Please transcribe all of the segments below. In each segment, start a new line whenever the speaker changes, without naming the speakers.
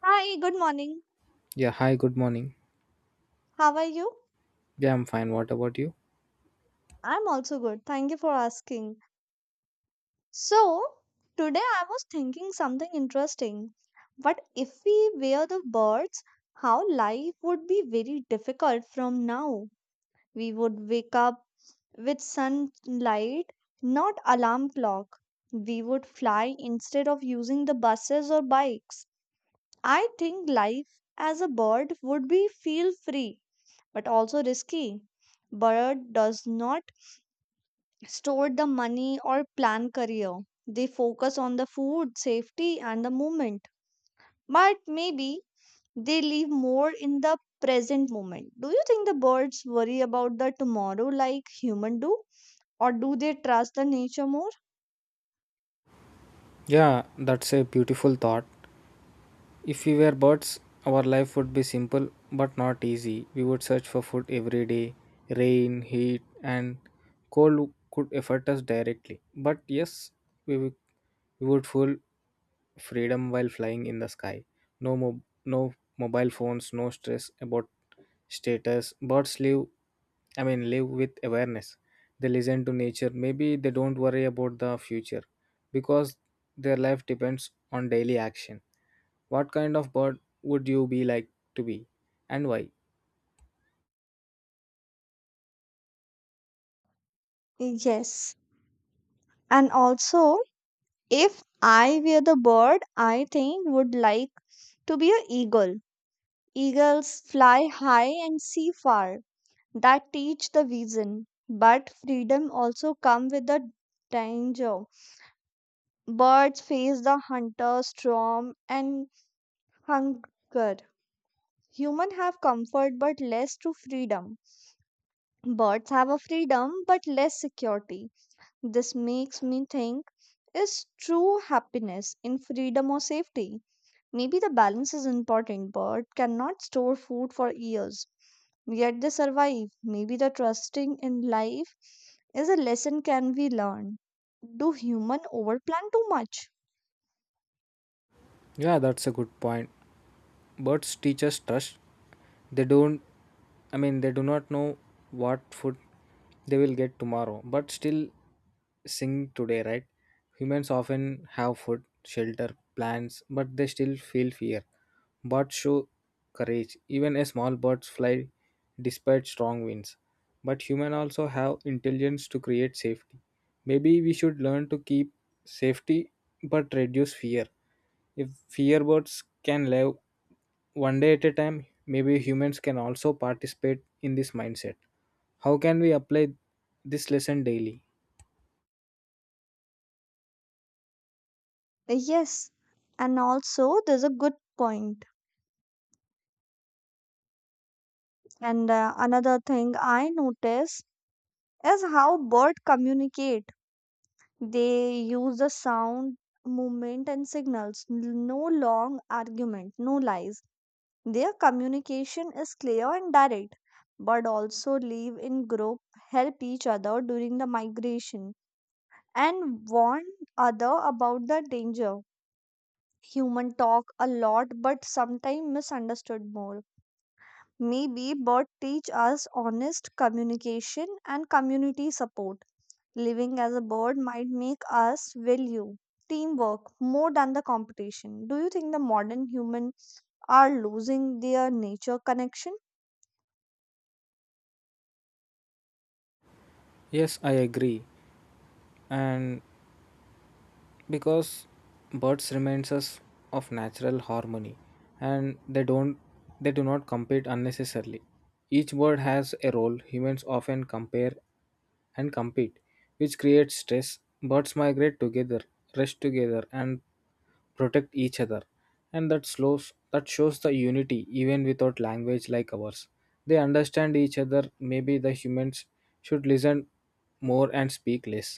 Hi, good morning.
Yeah, hi, good morning.
How are you?
Yeah, I'm fine. What about you?
I'm also good. Thank you for asking. So, today I was thinking something interesting. But if we were the birds, how life would be very difficult from now. We would wake up with sunlight, not alarm clock. We would fly instead of using the buses or bikes. I think life as a bird would be feel free, but also risky. Bird does not store the money or plan career. They focus on the food, safety, and the movement. But maybe they live more in the present moment. Do you think the birds worry about the tomorrow like human do? Or do they trust the nature more?
Yeah, that's a beautiful thought. If we were birds, our life would be simple but not easy. We would search for food every day. Rain, heat, and cold could affect us directly. But yes, we, would- we would feel freedom while flying in the sky. No, no mobile phones, no stress about status. Birds live, I mean, live with awareness. They listen to nature. Maybe they don't worry about the future because their life depends on daily action. What kind of bird would you be like to be and why?
Yes. And also, if I were the bird, I think would like to be an eagle. Eagles fly high and see far. That teach the vision. But freedom also come with the danger. Birds face the hunter, storm, and hunger. Humans have comfort but less to freedom. Birds have a freedom but less security. This makes me think, is true happiness in freedom or safety? Maybe the balance is important. Bird cannot store food for years, yet they survive. Maybe the trusting in life is a lesson can be learned. Do human overplan too much?
Yeah, that's a good point. Birds teach us trust. They don't, I mean, they do not know what food they will get tomorrow, but still sing today, right? Humans often have food, shelter, plants, but they still feel fear. Birds show courage. Even a small birds fly despite strong winds. But humans also have intelligence to create safety. Maybe we should learn to keep safety but reduce fear. If fear birds can live one day at a time, maybe humans can also participate in this mindset. How can we apply this lesson daily?
Yes, and also there's a good point. And another thing I notice is how birds communicate. They use the sound, movement, and signals. No long argument, no lies. Their communication is clear and direct. But also live in group, help each other during the migration and warn other about the danger. Human talk a lot but sometimes misunderstood more. Maybe bird teach us honest communication and community support. Living as a bird might make us value teamwork more than the competition. Do you think the modern humans are losing their nature connection?
Yes, I agree. And because birds reminds us of natural harmony, and they do not compete unnecessarily. Each bird has a role. Humans often compare and compete, which creates stress. Birds migrate together, rest together, and protect each other, and that shows the unity. Even without language like ours, they understand each other. Maybe the humans should listen more and speak less.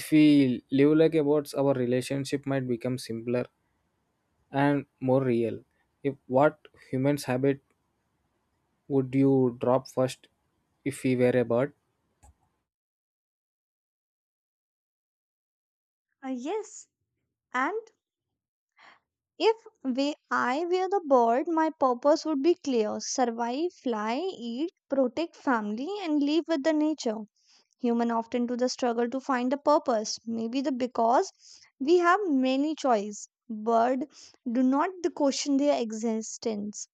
If we live like abodes, our relationship might become simpler and more real. If what humans habit would you drop first if we were a bird?
Yes, and if I were the bird, my purpose would be clear survive, fly, eat, protect family, and live with the nature. Human often do the struggle to find a purpose, maybe the because we have many choice. Bird do not the question their existence,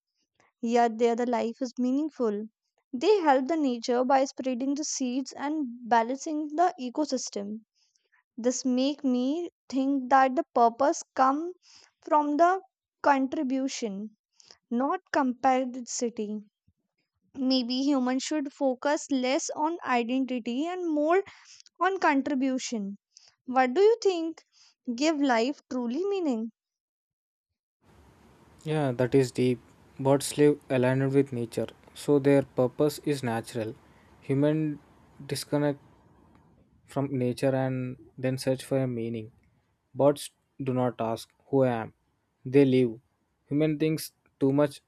yet their the life is meaningful. They help the nature by spreading the seeds and balancing the ecosystem. This make me think that the purpose come from the contribution, not competitivity. Maybe humans should focus less on identity and more on contribution. What do you think? Give life truly meaning?
Yeah, that is deep. Birds live aligned with nature, so their purpose is natural. Human disconnect from nature and then search for a meaning. Birds do not ask who I am. They live. Human thinks too much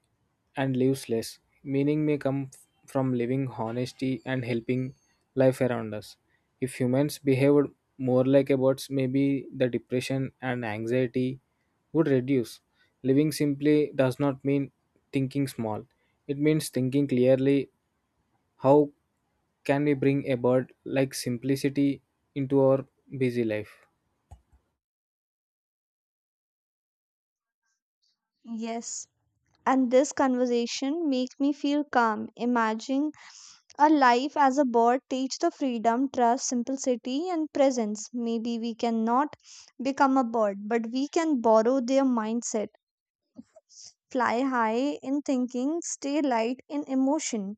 and lives less. Meaning may come from living honesty and helping life around us. If humans behaved more like a birds, maybe the depression and anxiety would reduce. Living simply does not mean thinking small. It means thinking clearly. How can we bring about like simplicity into our busy life?
Yes. And this conversation make me feel calm, imagining a life as a bird teach the freedom, trust, simplicity, and presence. Maybe we cannot become a bird, but we can borrow their mindset, fly high in thinking, stay light in emotion,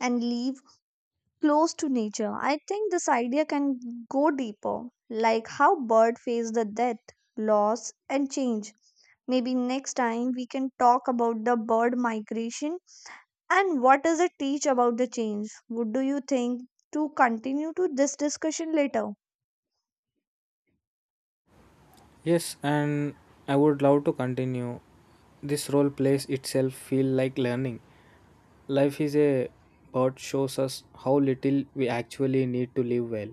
and live close to nature. I think this idea can go deeper, like how bird face the death, loss, and change. Maybe next time we can talk about the bird migration and what does it teach about the change? Would do you think to continue to this discussion later?
Yes, and I would love to continue. This role plays itself feel like learning. Life is a part shows us how little we actually need to live well.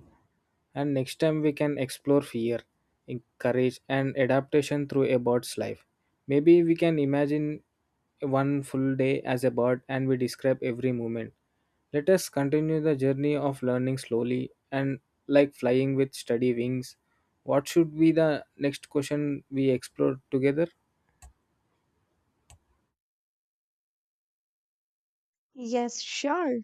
And next time we can explore fear, courage, and adaptation through a bird's life. Maybe we can imagine one full day as a bird and we describe every moment. Let us continue the journey of learning slowly and like flying with steady wings. What should be the next question we explore together?
Yes, sure.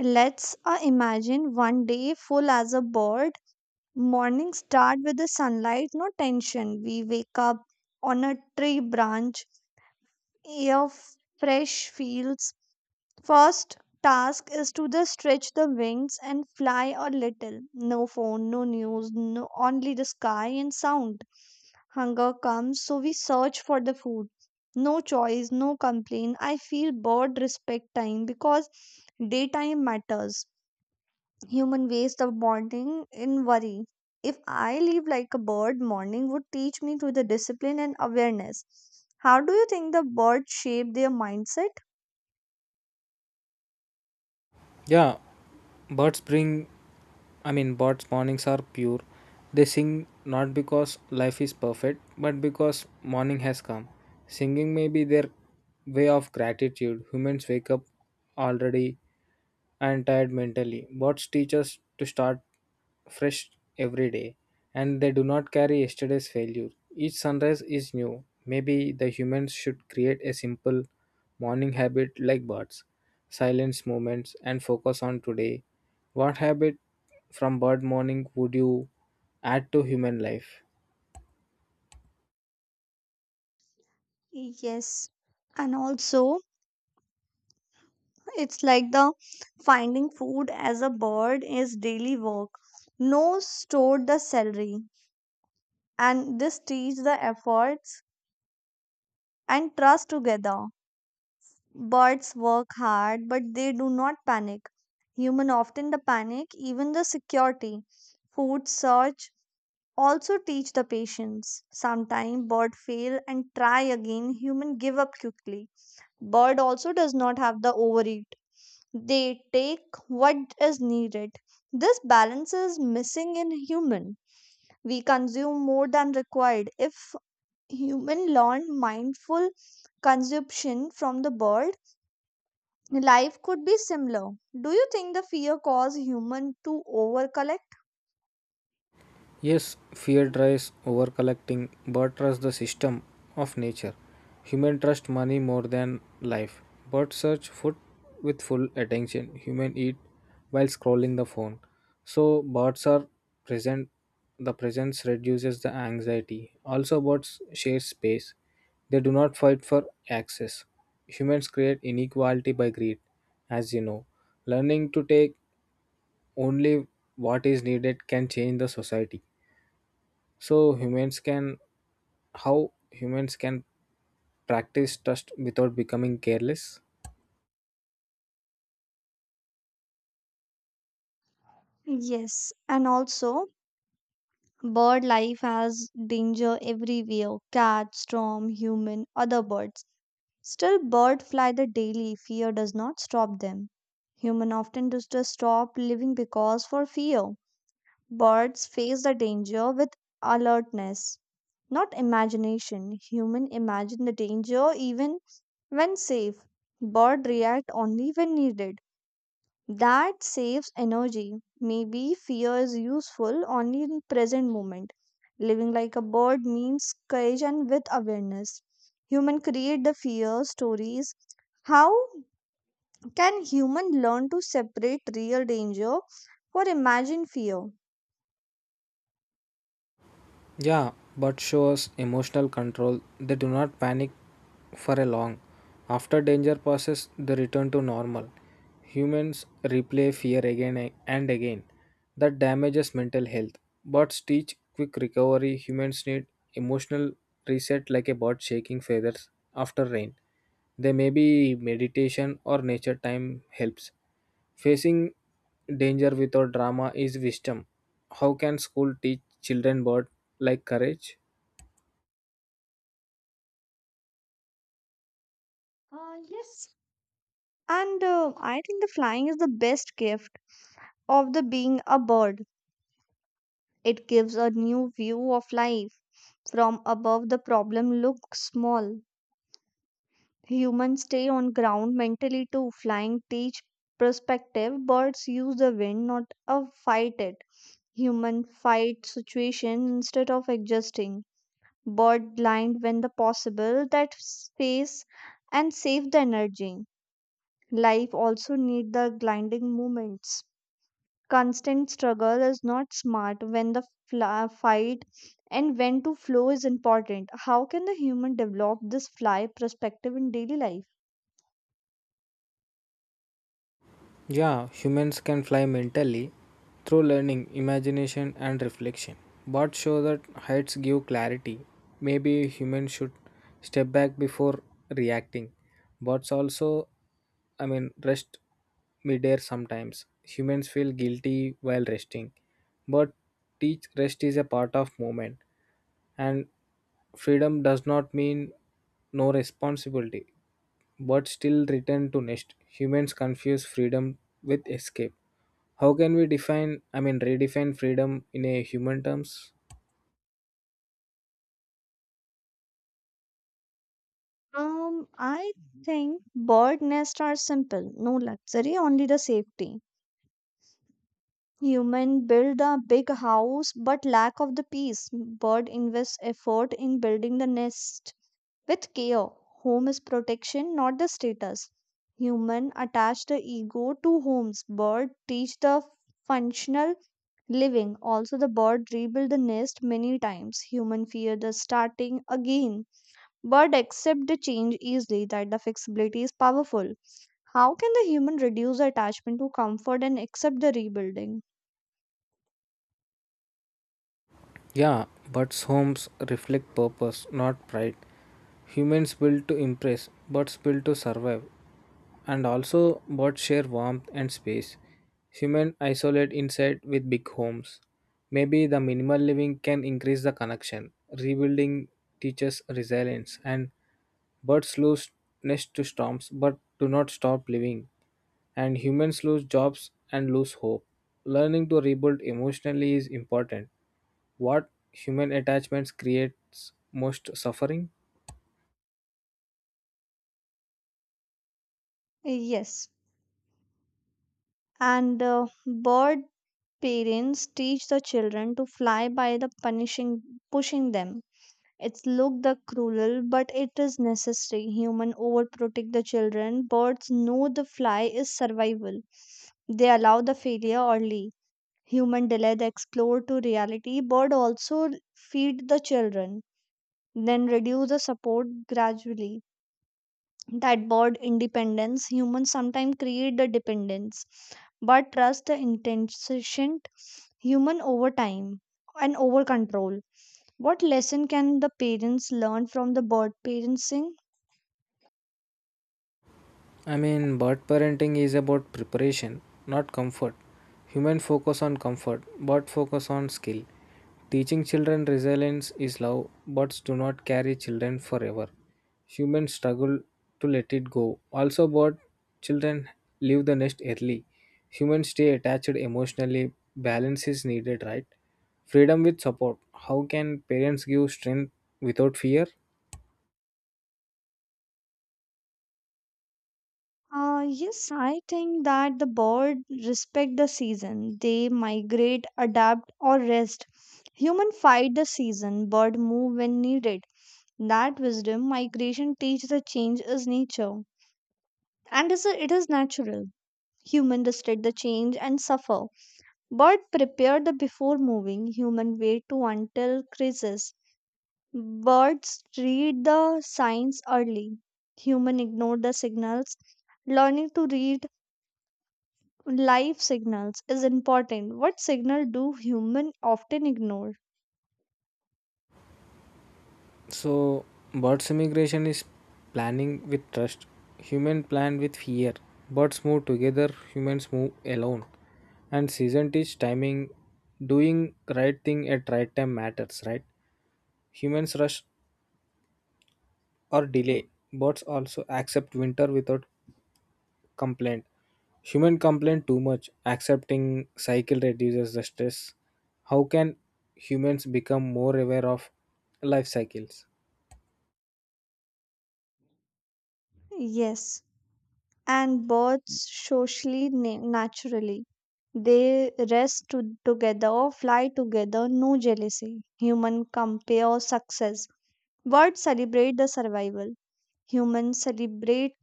Let's imagine one day full as a bird. Morning start with the sunlight, no tension. We wake up on a tree branch, air f- fresh fields. First task is to the stretch the wings and fly a little. No phone, no news, no only the sky and sound. Hunger comes, so we search for the food. No choice, no complaint. I feel bored. Respect time because daytime matters. Human waste of morning in worry. If I live like a bird, morning would teach me to the discipline and awareness. How do you think the birds shape their mindset?
Yeah, birds bring, I mean, birds' mornings are pure. They sing not because life is perfect, but because morning has come. Singing may be their way of gratitude. Humans wake up already and tired mentally. Birds teach us to start fresh every day, and they do not carry yesterday's failure. Each sunrise is new. Maybe the humans should create a simple morning habit like birds, silence moments, and focus on today. What habit from bird morning would you add to human life?
Yes. And also, it's like the finding food as a bird is daily work. No stored the salary, and this teach the efforts and trust together. Birds work hard, but they do not panic. Human often the panic, even the security. Food search also teach the patience. Sometimes bird fail and try again. Human give up quickly. Bird also does not have the overeat. They take what is needed. This balance is missing in human. We consume more than required. If human learn mindful consumption from the bird, life could be similar. Do you think the fear caused human to overcollect?
Yes, fear drives over collecting, but trust the system of nature. Human trust money more than life. Birds search food with full attention. Human eat while scrolling the phone. So birds are present. The presence reduces the anxiety. Also, birds share space. They do not fight for access. Humans create inequality by greed, as you know. Learning to take only what is needed can change the society. So humans can how humans can practice trust without becoming careless?
Yes, and also bird life has danger everywhere. Cat, storm, human, other birds. Still, bird fly the daily. Fear does not stop them. Human often does just stop living because for fear. Birds face the danger with alertness, not imagination. Human imagine the danger even when safe. Bird react only when needed. That saves energy. Maybe fear is useful only in present moment. Living like a bird means courage and with awareness. Human create the fear stories. How can human learn to separate real danger for imagined fear?
Yeah, but shows emotional control. They do not panic for a long. After danger passes, they return to normal. Humans replay fear again and again. That damages mental health. Birds teach quick recovery. Humans need emotional reset like a bird shaking feathers after rain. They may be meditation or nature time helps. Facing danger without drama is wisdom. How can school teach children word like courage?
Yes, and I think the flying is the best gift of the being a bird. It gives a new view of life. From above, the problem looks small. Humans stay on ground mentally too. Flying teach perspective. Birds use the wind, not fight it. Human fight situation instead of adjusting. Bird blind when the possible. That space and save the energy. Life also need the gliding moments. Constant struggle is not smart when the fla fight and when to flow is important. How can the human develop this fly perspective in daily life?
Yeah, humans can fly mentally through learning, imagination, and reflection. But show that heights give clarity. Maybe a human should step back before reacting. But also, I mean, rest midair sometimes. Humans feel guilty while resting. But teach rest is a part of movement. And freedom does not mean no responsibility but still return to nest. Humans confuse freedom with escape. How can we define, I mean, redefine freedom in a human terms?
I think bird nests are simple. No luxury, only the safety. Human build a big house but lack of the peace. Bird invests effort in building the nest with care, home is protection, not the status. Human attach the ego to homes. Bird teach the functional living. Also, the bird rebuild the nest many times. Human fear the starting again. Bird accept the change easily. That the flexibility is powerful. How can the human reduce the attachment to comfort and accept the rebuilding?
Yeah, but homes reflect purpose, not pride. Humans built to impress, birds built to survive, and also birds share warmth and space. Humans isolate inside with big homes. Maybe the minimal living can increase the connection. Rebuilding teaches resilience, and birds lose nest to storms but do not stop living. And humans lose jobs and lose hope. Learning to rebuild emotionally is important. What human attachments creates most suffering?
Yes, and bird parents teach the children to fly by the punishing pushing them. It's looked the cruel, but it is necessary. Human overprotect the children. Birds know the fly is survival. They allow the failure early. Human delay the explore to reality. Bird also feed the children, then reduce the support gradually. That bird independence. Humans sometimes create the dependence, but trust the intention. Human over time and over control. What lesson can the parents learn from the bird parenting?
I mean, bird parenting is about preparation, not comfort. Human focus on comfort, bird focus on skill. Teaching children resilience is love, birds do not carry children forever. Humans struggle to let it go. Also, bird children leave the nest early. Humans stay attached emotionally. Balance is needed, right? Freedom with support. How can parents give strength without fear?
Yes, I think that the bird respect the season. They migrate, adapt, or rest. Human fight the season, bird move when needed. That wisdom migration teach the change is nature, and is it is natural. Human resist the change and suffer. Bird prepare the before moving. Human wait to until crisis. Birds read the signs early. Human ignore the signals learning to read life signals is important. What signal do human often ignore?
So, birds' migration is planning with trust. Human plan with fear. Birds move together, humans move alone. And season teach timing. Doing right thing at right time matters, right? Humans rush or delay. Birds also accept winter without complaint. Human complain too much. Accepting cycle reduces the stress. How can humans become more aware of life cycles?
Yes, and birds socially naturally. They together, fly together, no jealousy. Human compare success. Birds celebrate the survival. Humans celebrate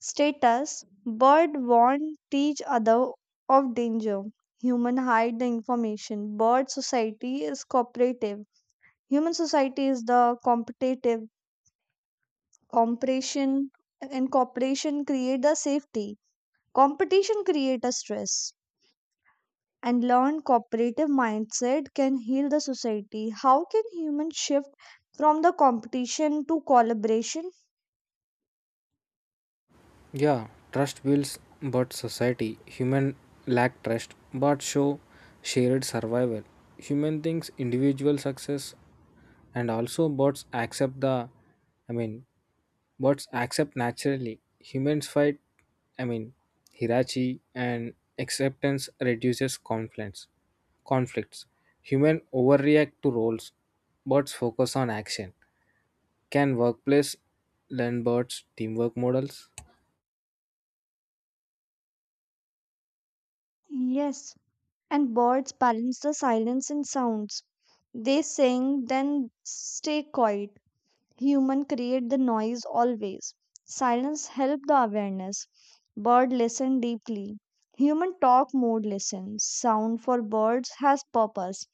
status. Bird warn teach other of danger. Human hide the information. Bird society is cooperative. Human society is the competitive compression and cooperation create the safety. Competition create a stress and learn cooperative mindset can heal the society. How can humans shift from the competition to collaboration?
Yeah, trust builds but society. Human lack trust but show shared survival. Human thinks individual success, and also bots accept the I mean, bots accept naturally. Humans fight I mean, hierarchy and acceptance reduces conflicts. Human overreact to roles. Bots focus on action. Can workplace learn bots teamwork models?
Yes, and birds balance the silence in sounds. They sing, then stay quiet. Human create the noise always. Silence help the awareness. Bird listen deeply. Human talk more listen. Sound for birds has purpose.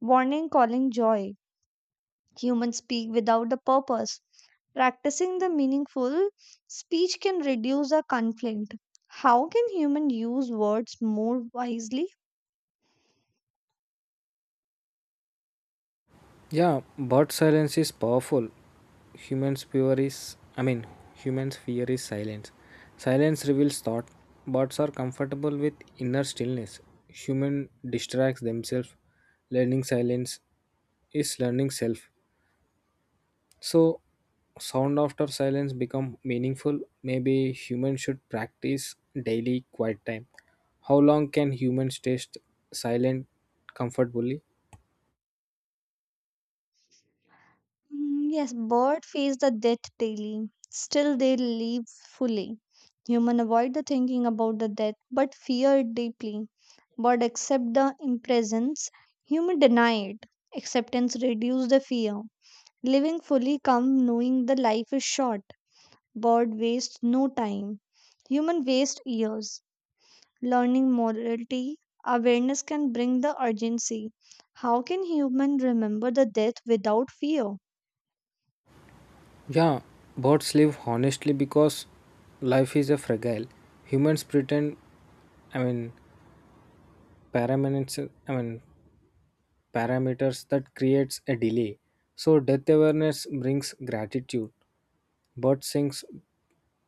Warning calling joy. Human speak without the purpose. Practicing the meaningful speech can reduce a conflict. How can human use words more wisely?
Yeah, but silence is powerful. Humans' fear is, I mean, humans' fear is silence. Silence reveals thought. Birds are comfortable with inner stillness. Human distracts themselves. Learning silence is learning self. So, sound after silence become meaningful. Maybe humans should practice daily quiet time. How long can humans stay silent comfortably?
Mm, yes, bird face the death daily. Still, they live fully. Human avoid the thinking about the death, but fear it deeply. Bird accept the impresence. Human deny it. Acceptance reduce the fear. Living fully come knowing the life is short. Bird waste no time. Human waste years. Learning morality, awareness can bring the urgency. How can human remember the death without fear?
Yeah, bots live honestly because life is a fragile. Humans pretend, I mean, I mean, parameters that creates a delay. So death awareness brings gratitude. Bot sings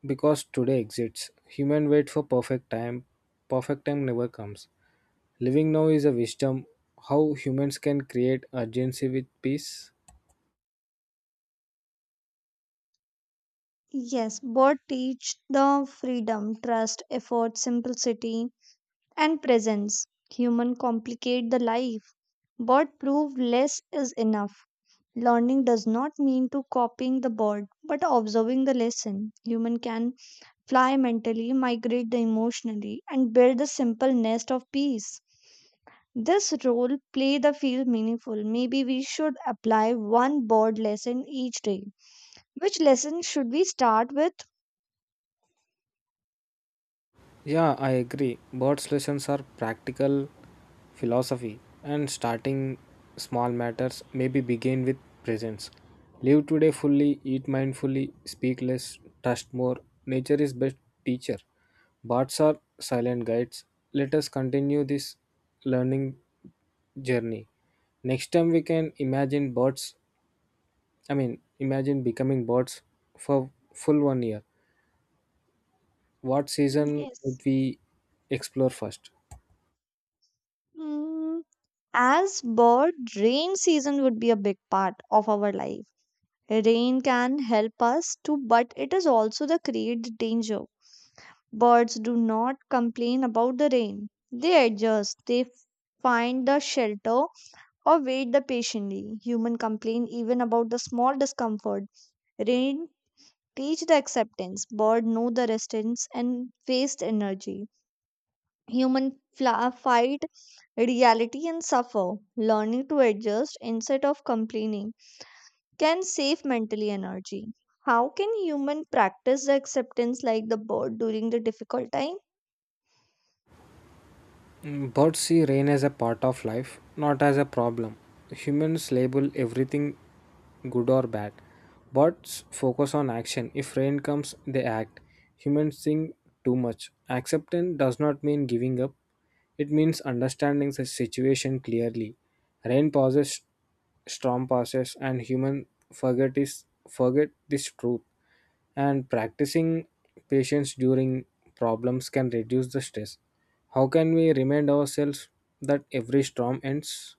because today exists. Human wait for perfect time. Perfect time never comes. Living now is a wisdom. How humans can create urgency with peace.
Yes, both teach the freedom, trust, effort, simplicity, and presence. Human complicate the life. Both prove less is enough. Learning does not mean to copying the board, but observing the lesson. Human can fly mentally, migrate the emotionally, and build a simple nest of peace. This role play the feel meaningful. Maybe we should apply one board lesson each day. Which lesson should we start with?
Yeah, I agree. Bird's lessons are practical philosophy, and starting small matters. Maybe begin with presence. Live today fully, eat mindfully, speak less, trust more. Nature is best teacher. Birds are silent guides. Let us continue this learning journey. Next time we can imagine imagine becoming birds for full one year. What season would
Yes.
we explore first?
Mm, as bird, rain season would be a big part of our life. Rain can help us too, but it is also the create danger. Birds do not complain about the rain. They adjust, they find the shelter or wait the patiently. Human complain even about the small discomfort. Rain teach the acceptance. Bird know the resistance and waste energy. Human fight reality and suffer. Learning to adjust instead of complaining can save mentally energy. How can human practice the acceptance like the bird during the difficult time?
Birds see rain as a part of life, not as a problem. Humans label everything good or bad. Birds focus on action. If rain comes, they act. Humans think too much. Acceptance does not mean giving up, it means understanding the situation clearly. Rain passes, storm passes, and human forget, is, forget this truth, and practicing patience during problems can reduce the stress. How can we remind ourselves that every storm ends?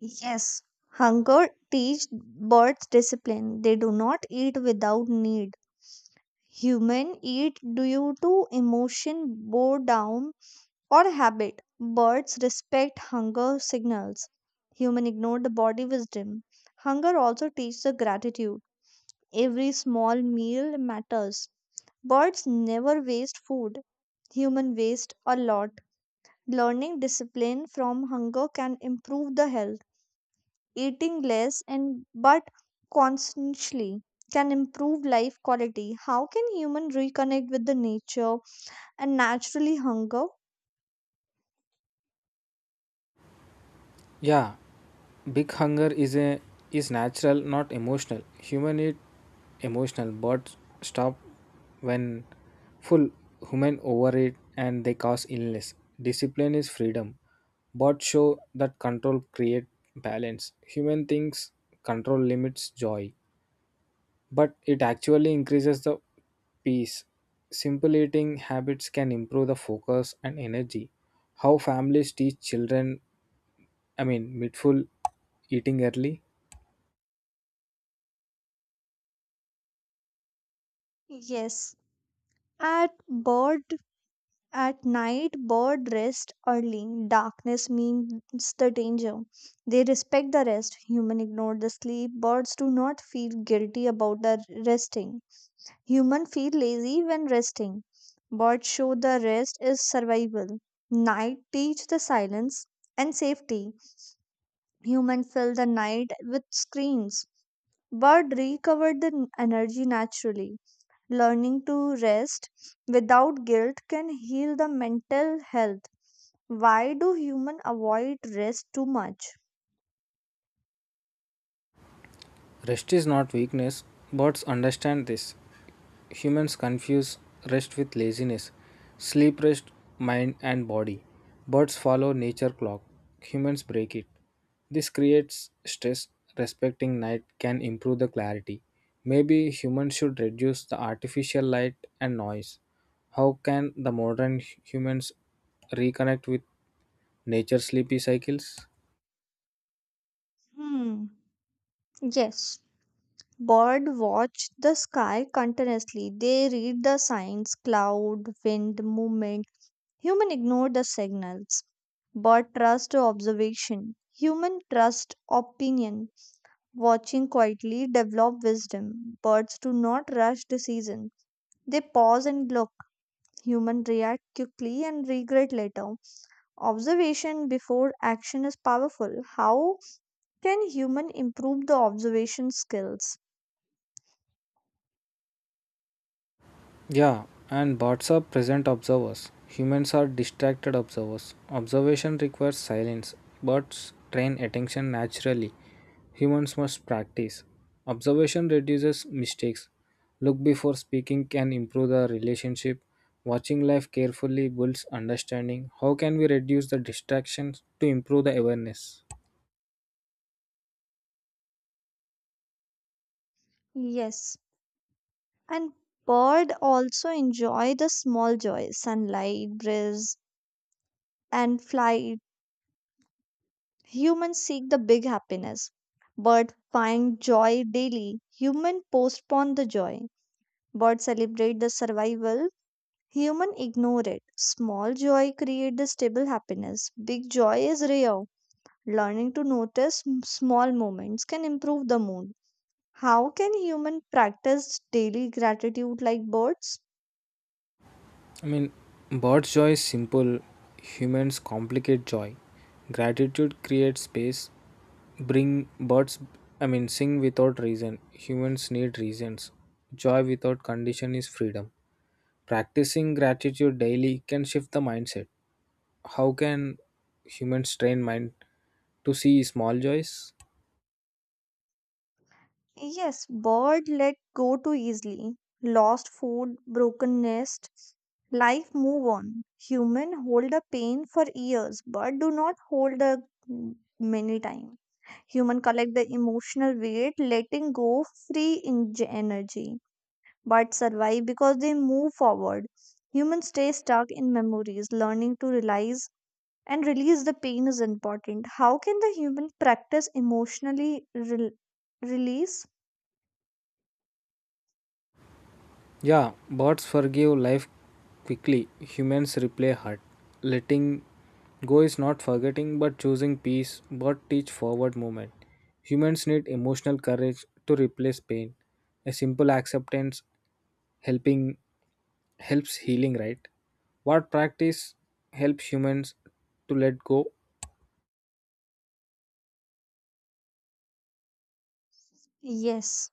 Yes, hunger teach birds discipline. They do not eat without need. Human eat due to emotion, boredom, or habit. Birds respect hunger signals. Human ignore the body wisdom. Hunger also teaches the gratitude. Every small meal matters. Birds never waste food. Human waste a lot. Learning discipline from hunger can improve the health. Eating less and but consciously can improve life quality. How can human reconnect with the nature and naturally hunger?
Yeah, big hunger is natural, not emotional. Human eat emotional, but stop when full. Human overeat and they cause illness. Discipline is freedom, but show that control create balance. Human thinks control limits joy but it actually increases the peace. Simple eating habits can improve the focus and energy. How families teach children, I mean, mindful eating early.
Yes, at bird at night, bird rest early. Darkness means the danger. They respect the rest. Human ignore the sleep. Birds do not feel guilty about the resting. Human feel lazy when resting. Birds show the rest is survival. Night teach the silence and safety. Human fill the night with screens. Bird recovered the energy naturally. Learning to rest without guilt can heal the mental health. Why do humans avoid rest too much?
Rest is not weakness. Birds understand this. Humans confuse rest with laziness. Sleep rest mind and body. Birds follow nature clock. Humans break it. This creates stress. Respecting night can improve the clarity. Maybe humans should reduce the artificial light and noise. How can the modern humans reconnect with nature's sleepy cycles?
Hmm. Yes. Bird watch the sky continuously. They read the signs, cloud, wind, movement. Human ignore the signals. Bird trust observation. Human trust opinion. Watching quietly develop wisdom. Birds do not rush decision. They pause and look. Human react quickly and regret later. Observation before action is powerful. How can human improve the observation skills?
Yeah, and bots are present observers. Humans are distracted observers. Observation requires silence. Bots train attention naturally. Humans must practice. Observation reduces mistakes. Look before speaking can improve the relationship. Watching life carefully builds understanding. How can we reduce the distractions to improve the awareness?
Yes. And bird also enjoy the small joys, sunlight, breeze, and flight. Humans seek the big happiness. Bird find joy daily. Human postpone the joy. Bird celebrate the survival. Human ignore it. Small joy create the stable happiness. Big joy is rare. Learning to notice small moments can improve the mood. How can human practice daily gratitude like birds?
I mean, bird's joy is simple. Humans complicate joy. Gratitude creates space. Bring birds, I mean, sing without reason. Humans need reasons. Joy without condition is freedom. Practicing gratitude daily can shift the mindset. How can humans train mind to see small joys?
Yes, bird let go too easily. Lost food, broken nest, life move on. Human hold the pain for years, but do not hold the many time. Human collect the emotional weight, letting go free in energy, but survive because they move forward. Humans stay stuck in memories, learning to realize and release the pain is important. How can the human practice emotionally rel- release?
Yeah, birds forgive life quickly. Humans replay hurt. Letting go is not forgetting but choosing peace. Birds teach forward movement. Humans need emotional courage to replace pain. A simple acceptance, helping helps healing, right? What practice helps humans to let go?
Yes,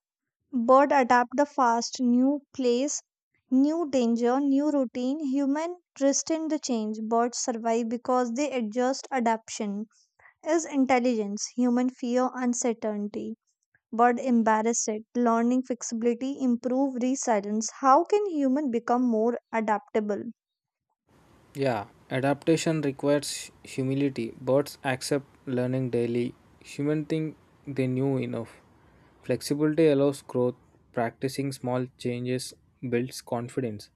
bird adapt the fast new place, new danger, new routine. Human resist the change, birds survive because they adjust. Adaptation is intelligence, human fear uncertainty, bird embarrass it. Learning flexibility improve resilience. How can human become more adaptable?
Yeah, adaptation requires humility. Birds accept learning daily. Human think they knew enough. Flexibility allows growth. Practicing small changes builds confidence.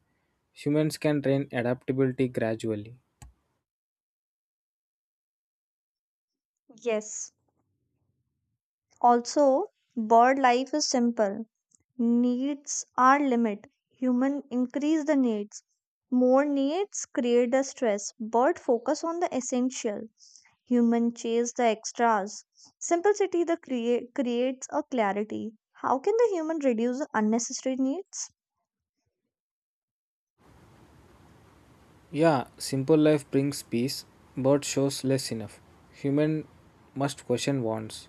Humans can train adaptability gradually.
Yes. Also, bird life is simple. Needs are limit. Human increase the needs. More needs create the stress. Bird focus on the essential. Human chase the extras. Simplicity creates a clarity. How can the human reduce the unnecessary needs?
Yeah, simple life brings peace. Bird shows less enough. Human must question wants.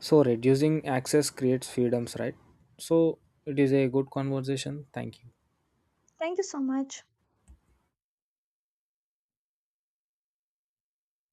So reducing access creates freedoms, right? So it is a good conversation. Thank you.
Thank you so much.